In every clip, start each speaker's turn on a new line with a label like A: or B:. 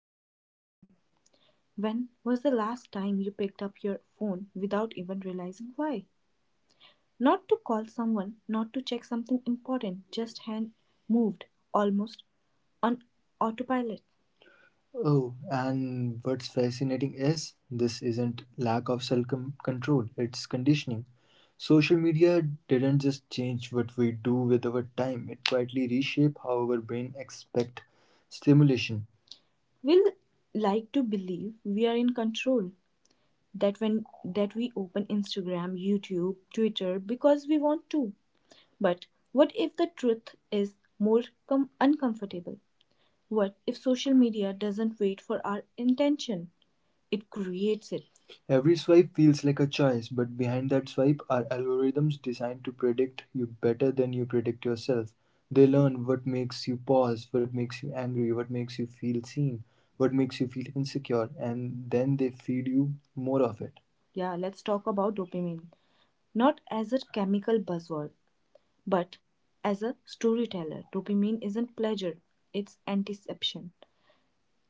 A: with a simple question. When was the last time you picked up your phone without even realizing why? Not to call someone, not to check something important, just hand moved, almost on autopilot. Oh, and what's fascinating is this isn't lack of control. It's conditioning. Social media didn't just change what we do with our time, it quietly reshaped how our brain expect stimulation. We'll like to believe we are in control, that when that we open Instagram, YouTube, Twitter because we want to. But what if the truth is uncomfortable? What if social media doesn't wait for our intention? It creates it. Every swipe feels like a choice, but behind that swipe are algorithms designed to predict you better than you predict yourself. They learn what makes you pause, what makes you angry, what makes you feel seen, what makes you feel insecure, and then they feed you more of it. Yeah, let's talk about dopamine. Not as a chemical buzzword, but as a storyteller. Dopamine isn't pleasure, it's anticipation.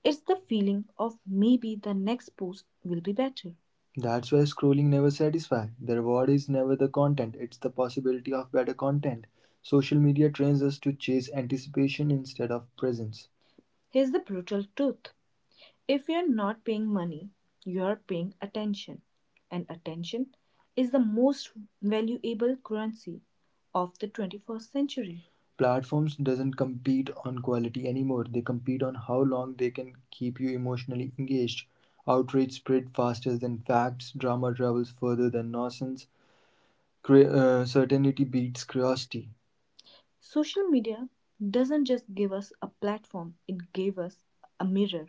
A: It's the feeling of maybe the next post will be better. That's why scrolling never satisfies. The reward is never the content, it's the possibility of better content. Social media trains us to chase anticipation instead of presence. Here's the brutal truth: if you're not paying money, you're paying attention. And attention is the most valuable currency of the 21st century. Platforms doesn't compete on quality anymore. They compete on how long they can keep you emotionally engaged. Outrage spread faster than facts. Drama travels further than nonsense. Certainty beats curiosity. Social media doesn't just give us a platform, it gave us a mirror,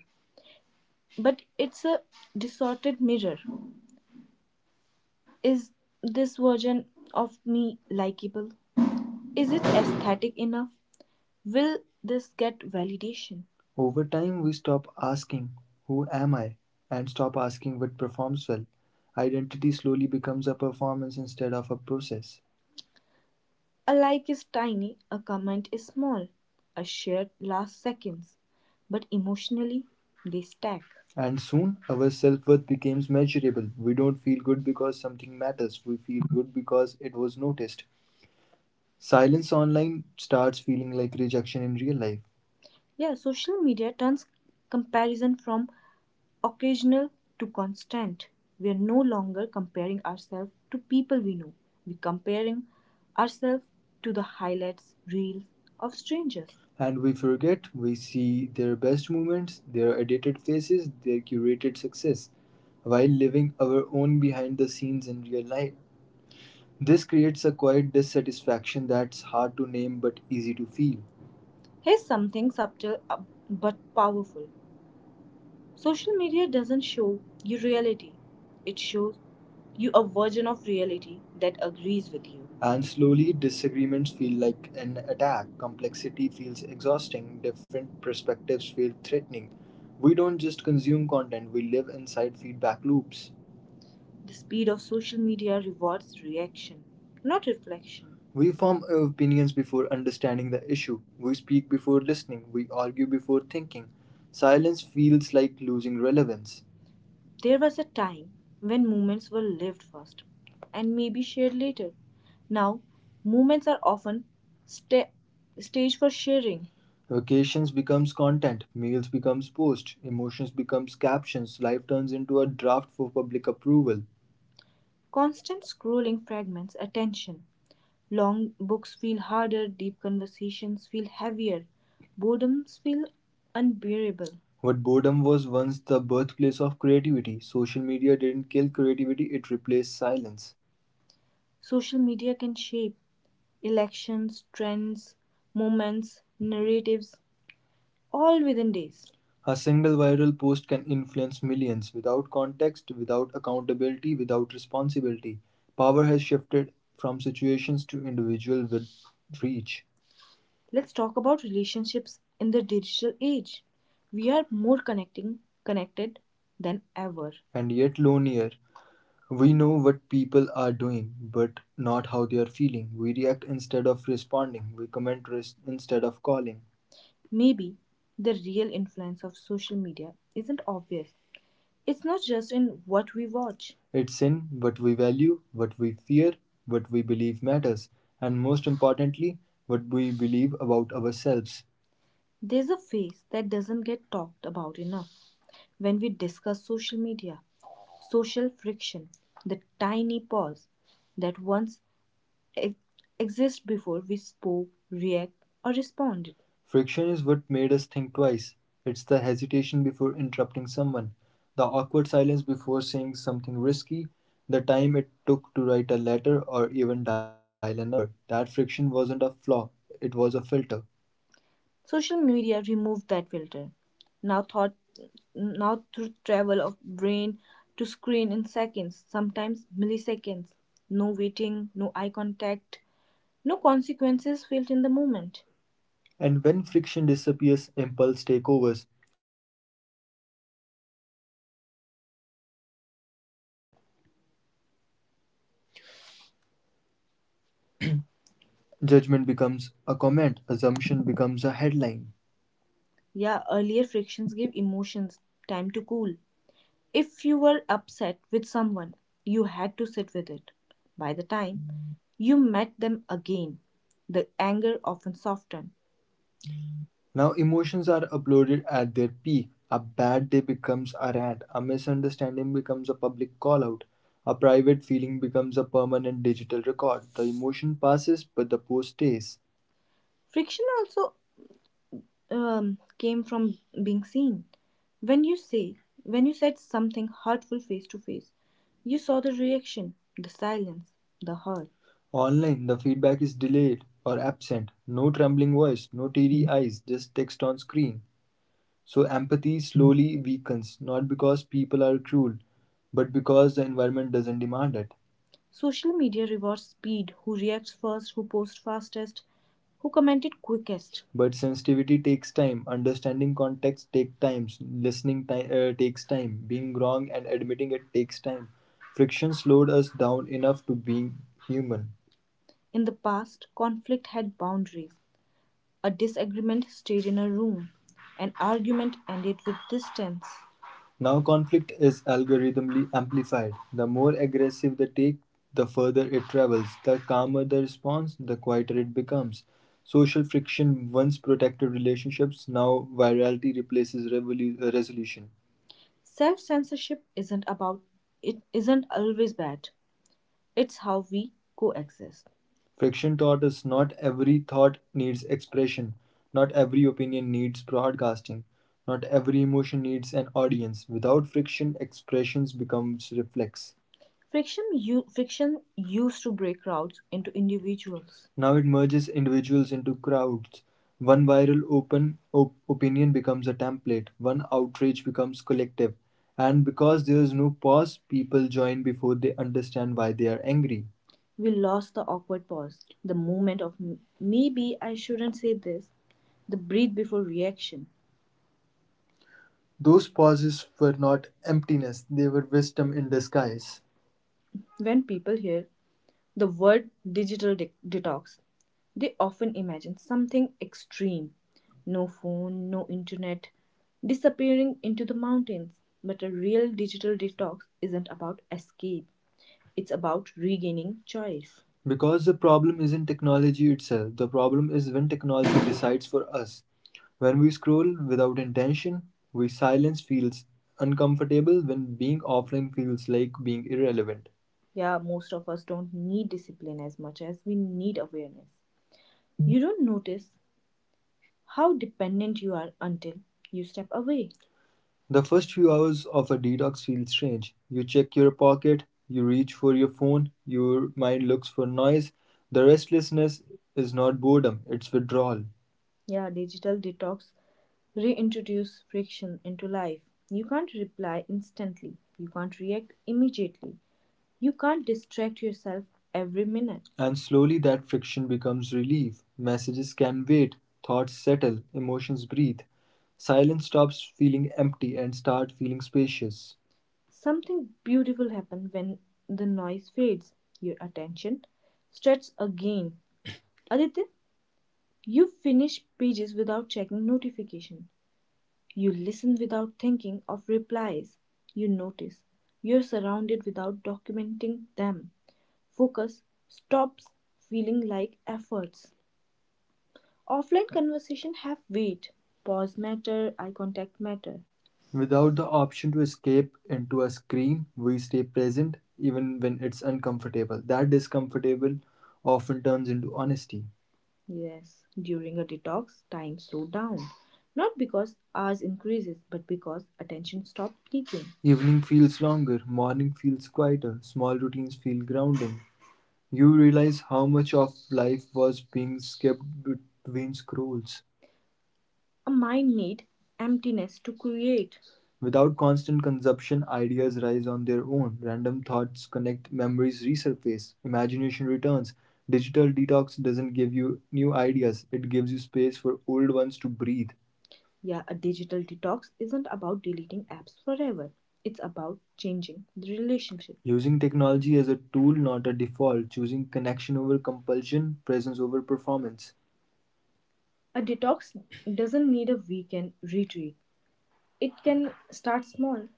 A: but it's a distorted mirror. Is this version of me likable? Is it aesthetic enough? Will this get validation? Over time, we stop asking, who am I, and stop asking what performs well. Identity slowly becomes a performance instead of a process. A like is tiny, a comment is small, a share lasts seconds, but emotionally they stack. And soon our self worth becomes measurable. We don't feel good because something matters, we feel good because it was noticed. Silence online starts feeling like rejection in real life. Yeah, social media turns comparison from occasional to constant. We are no longer comparing ourselves to people we know. We're comparing ourselves to the highlights, reels of strangers. And we forget we see their best moments, their edited faces, their curated success, while living our own behind the scenes in real life. This creates a quiet dissatisfaction that's hard to name but easy to feel. Here's something subtle but powerful: social media doesn't show you reality, it shows you a version of reality that agrees with you. And slowly, disagreements feel like an attack. Complexity feels exhausting. Different perspectives feel threatening. We don't just consume content, we live inside feedback loops. The speed of social media rewards reaction, not reflection. We form opinions before understanding the issue. We speak before listening. We argue before thinking. Silence feels like losing relevance. There was a time when moments were lived first and maybe shared later. Now, moments are often sta- staged for sharing. Vacations becomes content, meals becomes post, emotions becomes captions, life turns into a draft for public approval. Constant scrolling fragments attention, long books feel harder, deep conversations feel heavier, boredoms feel unbearable. What boredom was once the birthplace of creativity, social media didn't kill creativity, it replaced silence. Social media can shape elections, trends, moments, narratives, all within days. A single viral post can influence millions without context, without accountability, without responsibility. Power has shifted from situations to individual with reach. Let's talk about relationships in the digital age. We are more connecting connected than ever, and yet lonelier. We know what people are doing, but not how they are feeling. We react instead of responding. We instead of calling. Maybe the real influence of social media isn't obvious. It's not just in what we watch. It's in what we value, what we fear, what we believe matters, and most importantly, what we believe about ourselves. There's a phase that doesn't get talked about enough when we discuss social media: social friction, the tiny pause that once ex- exist before we spoke, react, or responded. Friction is what made us think twice. It's the hesitation before interrupting someone, the awkward silence before saying something risky, the time it took to write a letter or even dial a number. That friction wasn't a flaw, it was a filter. Social media removed that filter. Now thought now through travel of brain to screen in seconds, sometimes milliseconds. No waiting, no eye contact, no consequences felt in the moment. And when friction disappears, impulse takeovers.
B: Judgment becomes a comment, assumption becomes a headline. Yeah, earlier frictions give emotions time to cool. If you were upset with someone, you had to sit with it. By the time you met them again, the anger often softened. Now emotions are uploaded at their peak. A bad day becomes a rant, a misunderstanding becomes a public call out, a private feeling becomes a permanent digital record. The emotion passes, but the post stays. Friction also came from being seen. when you say when you said something hurtful face to face, you saw the reaction, the silence, the hurt. Online, the feedback is delayed or absent. No trembling voice, no teary eyes, just text on screen. So empathy slowly weakens, not because people are cruel, but because the environment doesn't demand it. Social media rewards speed: who reacts first, who posts fastest, who commented quickest. But sensitivity takes time, understanding context takes time, takes time, being wrong and admitting it takes time. Friction slowed us down enough to being human. In the past, conflict had boundaries. A disagreement stayed in a room; an argument ended with distance. Now conflict is algorithmically amplified. The more aggressive the take, the further it travels; the calmer the response, the quieter it becomes. Social friction once protected relationships; now virality replaces resolution. Self censorship isn't about it isn't always bad. It's how we coexist. Fiction taught us not every thought needs expression, not every opinion needs broadcasting, not every emotion needs an audience. Without friction, expressions becomes reflex. Friction used to break crowds into individuals. Now it merges individuals into crowds. One viral opinion becomes a template, one outrage becomes collective. And because there is no pause, people join before they understand why they are angry. We lost the awkward pause, the moment of maybe I shouldn't say this, the breathe before reaction. Those pauses were not emptiness, they were wisdom in disguise. When people hear the word digital detox, they often imagine something extreme: no phone, no internet, disappearing into the mountains. But a real digital detox isn't about escape, it's about regaining choice. Because the problem isn't technology itself, the problem is when technology decides for us. When we scroll without intention, we silence feels uncomfortable, when being offline feels like being irrelevant. Yeah, most of us don't need discipline as much as we need awareness. You don't notice how dependent you are until you step away. The first few hours of a detox feel strange. You check your pocket, you reach for your phone, your mind looks for noise. The restlessness is not boredom, it's withdrawal. Yeah, digital detox reintroduce friction into life. You can't reply instantly. You can't react immediately. You can't distract yourself every minute. And slowly that friction becomes relief. Messages can wait, thoughts settle, emotions breathe. Silence stops feeling empty and start feeling spacious. Something beautiful happens when the noise fades. Your attention starts again. Aditya, you finish pages without checking notification. You listen without thinking of replies. You notice you're surrounded without documenting them. Focus stops feeling like efforts. Offline conversation have weight. Pause matter, eye contact matter. Without the option to escape into a screen, we stay present even when it's uncomfortable. That discomfortable often turns into honesty. Yes, during a detox, time slow down. Not because hours increases, but because attention stops peaking. Evening feels longer, morning feels quieter, small routines feel grounding. You realize how much of life was being skipped between scrolls. A mind needs emptiness to create. Without constant consumption, ideas rise on their own. Random thoughts connect, memories resurface, imagination returns. Digital detox doesn't give you new ideas, it gives you space for old ones to breathe. Yeah, a digital detox isn't about deleting apps forever. It's about changing the relationship. Using technology as a tool, not a default; choosing connection over compulsion, presence over performance. A detox doesn't need a weekend retreat. It can start small.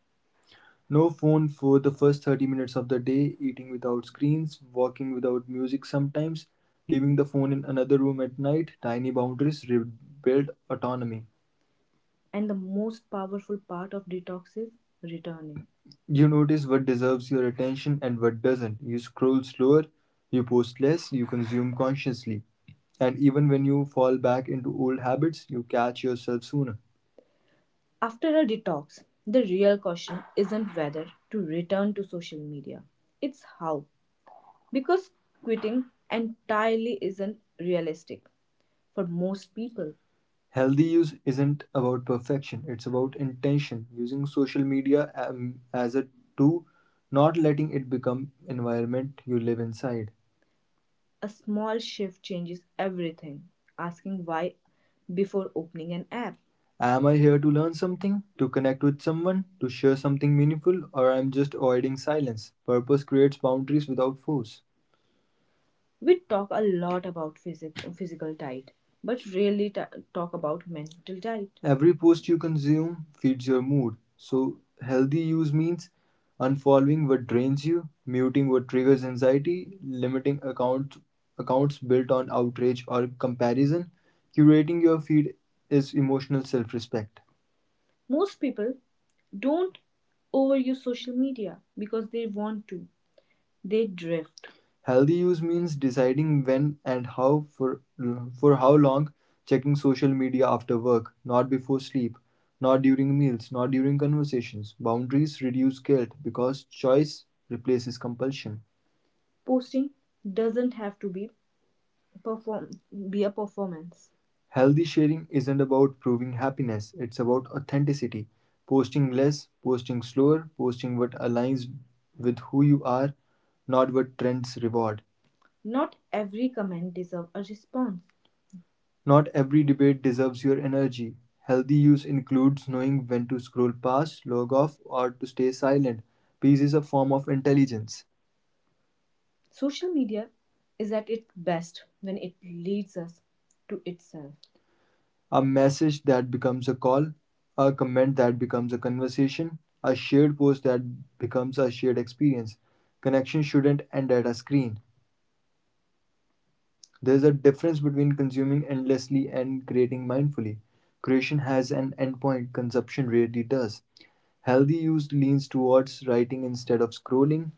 B: No phone for the first 30 minutes of the day, eating without screens, walking without music sometimes, leaving the phone in another room at night. Tiny boundaries rebuild autonomy. And the most powerful part of detox is returning. You notice what deserves your attention and what doesn't. You scroll slower, you post less, you consume consciously. And even when you fall back into old habits, you catch yourself sooner. After a detox, the real question isn't whether to return to social media, it's how. Because quitting entirely isn't realistic for most people. Healthy use isn't about perfection, it's about intention, using social media as a tool, not letting it become environment you live inside. A small shift changes everything. Asking why before opening an app. Am I here to learn something, to connect with someone, to share something meaningful, or am I just avoiding silence? Purpose creates boundaries without force. We talk a lot about physical diet, but rarely ta talk about mental diet. Every post you consume feeds your mood. So, healthy use means unfollowing what drains you, muting what triggers anxiety, limiting account, accounts built on outrage or comparison. Curating your feed is emotional self respect. Most people don't overuse social media because they want to. They drift. Healthy use means deciding when and how for how long, checking social media after work, not before sleep, not during meals, not during conversations. Boundaries reduce guilt because choice replaces compulsion. Posting doesn't have to be perform be a performance. Healthy sharing isn't about proving happiness, it's about authenticity. Posting less, posting slower, posting what aligns with who you are, not what trends reward. Not every comment deserves a response. Not every debate deserves your energy. Healthy use includes knowing when to scroll past, log off, or to stay silent. Peace is a form of intelligence. Social media is at its best when it leads us to itself. A message that becomes a call, a comment that becomes a conversation, a shared post that becomes a shared experience. Connection shouldn't end at a screen. There's a difference between consuming endlessly and creating mindfully. Creation has an endpoint, consumption rarely does. Healthy use leans towards writing instead of scrolling,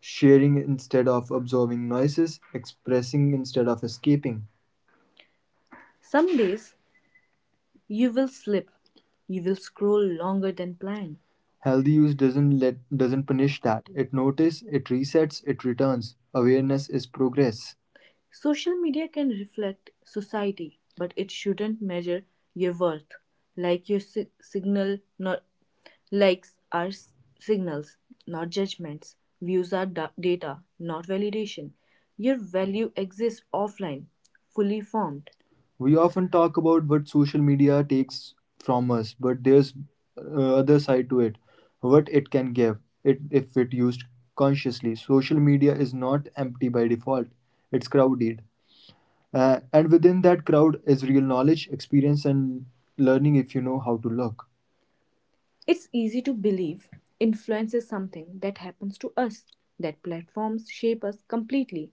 B: sharing instead of absorbing noises, expressing instead of escaping. Some days you will slip, you will scroll longer than planned. Healthy use doesn't let doesn't punish that. It notices, it resets, it returns. Awareness is progress. Social media can reflect society, but it shouldn't measure your worth. Like your si- signal, not Likes are signals, not judgments. Views are data, not validation. Your value exists offline, fully formed. We often talk about what social media takes from us, but there's other side to it. What it can give, it if it used consciously. Social media is not empty by default. It's crowded, and within that crowd is real knowledge, experience, and learning if you know how to look. It's easy to believe influence is something that happens to us, that platforms shape us completely,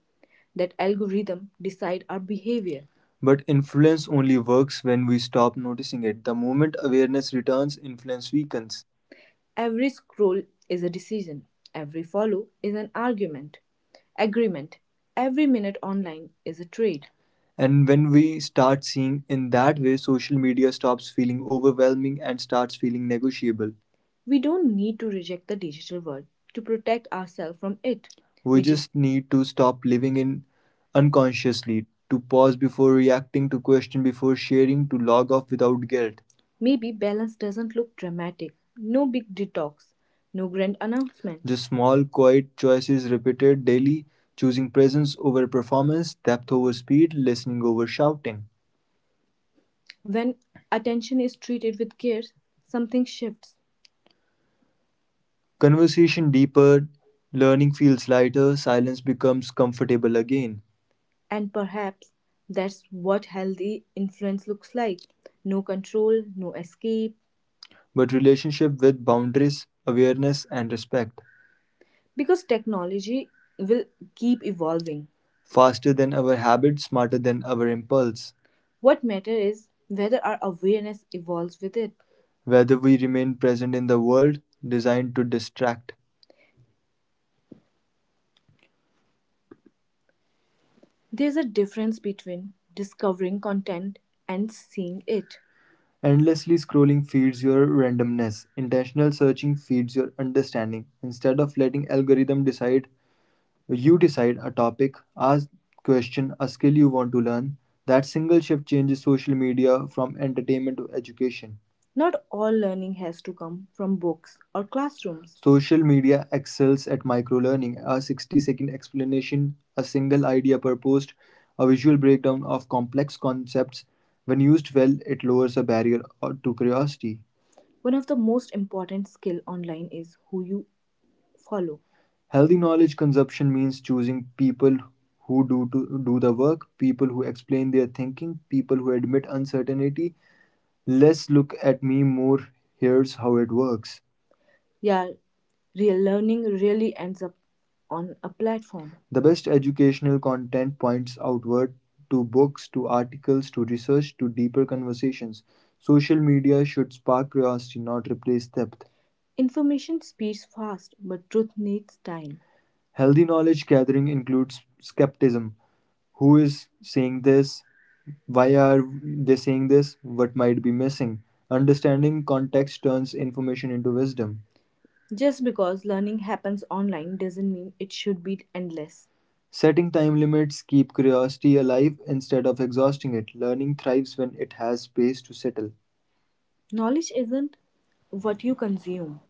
B: that algorithm decide our behavior. But influence only works when we stop noticing it. The moment awareness returns, influence weakens. Every scroll is a decision, every follow is an agreement, every minute online is a trade. And when we start seeing in that way, social media stops feeling overwhelming and starts feeling negotiable. We don't need to reject the digital world to protect ourselves from it. We just need to stop living in unconsciously, to pause before reacting, to question before sharing, to log off without guilt. Maybe balance doesn't look dramatic. No big detox, no grand announcement. The small, quiet choices repeated daily, choosing presence over performance, depth over speed, listening over shouting. When attention is treated with care, something shifts. Conversation deeper, learning feels lighter, silence becomes comfortable again. And perhaps that's what healthy influence looks like: no control, no escape, but relationship with boundaries, awareness, and respect. Because technology will keep evolving, faster than our habit, smarter than our impulse. What matters is whether our awareness evolves with it. Whether we remain present in the world designed to distract. There's a difference between discovering content and seeing it. Endlessly scrolling feeds your randomness. Intentional searching feeds your understanding. Instead of letting algorithm decide, you decide a topic, ask question, a skill you want to learn. That single shift changes social media from entertainment to education. Not all learning has to come from books or classrooms. Social media excels at micro learning, a 60-second explanation, a single idea per post, a visual breakdown of complex concepts. When used well, it lowers a barrier to curiosity. One of the most important skill online is who you follow. Healthy knowledge consumption means choosing people who do to do the work, people who explain their thinking, people who admit uncertainty. Less look at me, more here's how it works yeah Real learning really ends up on a platform. The best educational content points outward to books, to articles, to research, to deeper conversations. Social media should spark curiosity, not replace depth. Information speeds fast but truth needs time. Healthy knowledge gathering includes skepticism. Who is saying this? Why are they saying this? What might be missing? Understanding context turns information into wisdom. Just because learning happens online doesn't mean it should be endless. Setting time limits keep curiosity alive instead of exhausting it. Learning thrives when it has space to settle. Knowledge isn't what you consume.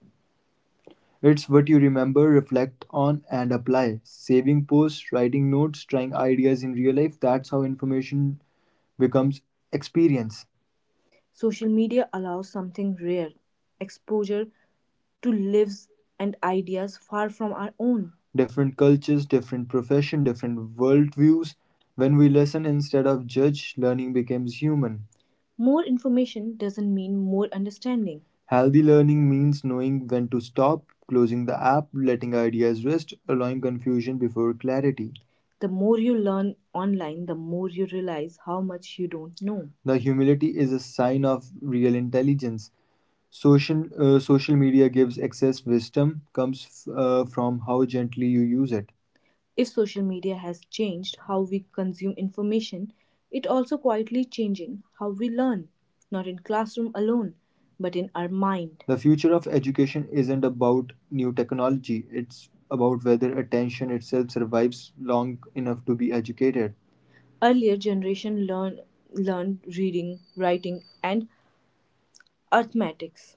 B: It's what you remember, reflect on, and apply. Saving posts, writing notes, trying ideas in real life, that's how information becomes experience. Social media allows something rare, exposure to lives and ideas far from our own. Different cultures, different profession, different worldviews. When we listen instead of judge, learning becomes human. More information doesn't mean more understanding. Healthy learning means knowing when to stop, closing the app, letting ideas rest, allowing confusion before clarity. The more you learn online, the more you realize how much you don't know. The humility is a sign of real intelligence. Social media gives excess wisdom comes from how gently you use it. If social media has changed how we consume information, it also quietly changing how we learn, not in classroom alone, but in our mind. The future of education isn't about new technology, it's about whether attention itself survives long enough to be educated. Earlier generation learned reading, writing and arithmetics.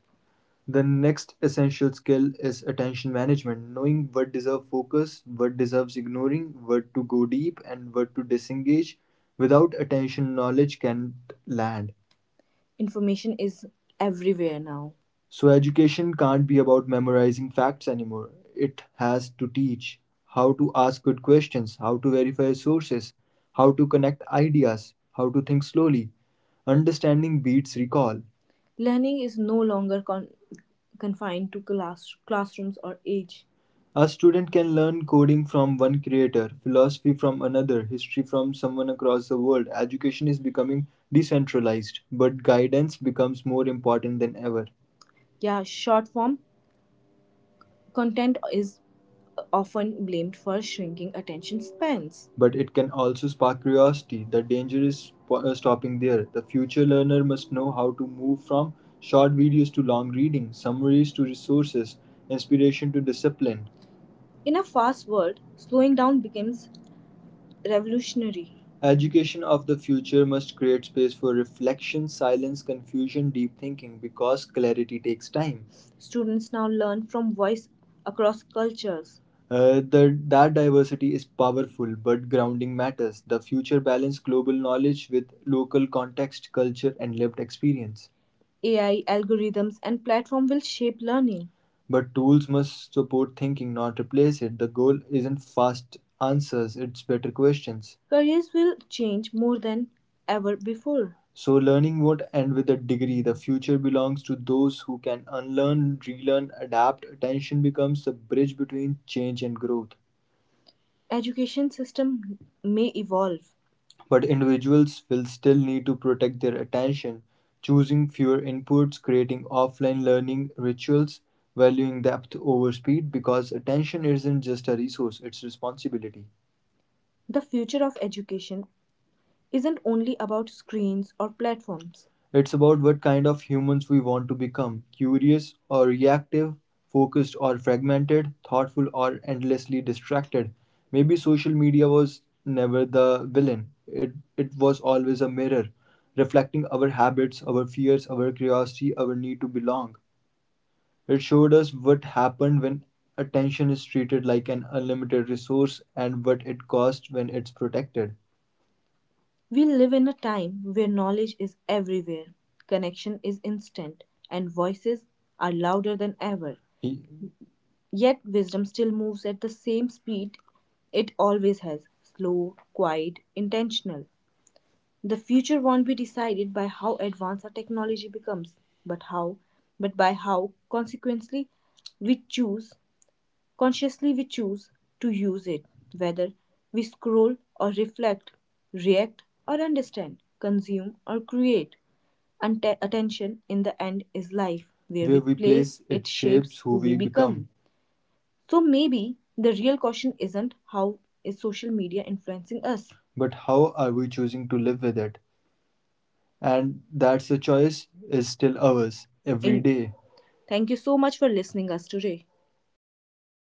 B: The next essential skill is attention management, knowing what deserves focus, what deserves ignoring, what to go deep, and what to disengage. Without attention, knowledge can't land. Information is everywhere now. So education can't be about memorizing facts anymore. It has to teach how to ask good questions, how to verify sources, how to connect ideas, how to think slowly. Understanding beats recall. Learning is no longer confined to classrooms or age. A student can learn coding from one creator, philosophy from another, history from someone across the world. Education is becoming decentralized, but guidance becomes more important than ever. Yeah, short form content is often blamed for shrinking attention spans. But it can also spark curiosity. The danger is stopping there. The future learner must know how to move from short videos to long reading, summaries to resources, inspiration to discipline. In a fast world, slowing down becomes revolutionary. Education of the future must create space for reflection, silence, confusion, deep thinking because clarity takes time. Students now learn from voice across cultures. That diversity is powerful, but grounding matters. The future balances global knowledge with local context, culture, and lived experience. AI, algorithms, and platform will shape learning. But tools must support thinking, not replace it. The goal isn't fast answers, it's better questions. Careers will change more than ever before. So, learning won't end with a degree. The future belongs to those who can unlearn, relearn, adapt. Attention becomes the bridge between change and growth. Education system may evolve. But individuals will still need to protect their attention, choosing fewer inputs, creating offline learning rituals, valuing depth over speed because attention isn't just a resource, it's responsibility. The future of education isn't only about screens or platforms. It's about what kind of humans we want to become, curious or reactive, focused or fragmented, thoughtful or endlessly distracted. Maybe social media was never the villain, it was always a mirror, reflecting our habits, our fears, our curiosity, our need to belong. It showed us what happened when attention is treated like an unlimited resource and what it costs when it's protected. We live in a time where knowledge is everywhere, connection is instant, and voices are louder than ever. Yet wisdom still moves at the same speed it always has, slow, quiet, intentional. The future won't be decided by how advanced our technology becomes, but how but by how consequently we choose Consciously we choose to use it, whether we scroll or reflect, react or understand, consume or create. And attention in the end is life. Where we place it shapes who we become. So maybe the real question isn't how is social media influencing us? But how are we choosing to live with it? And that's a choice is still ours every day. Thank you so much for listening us today.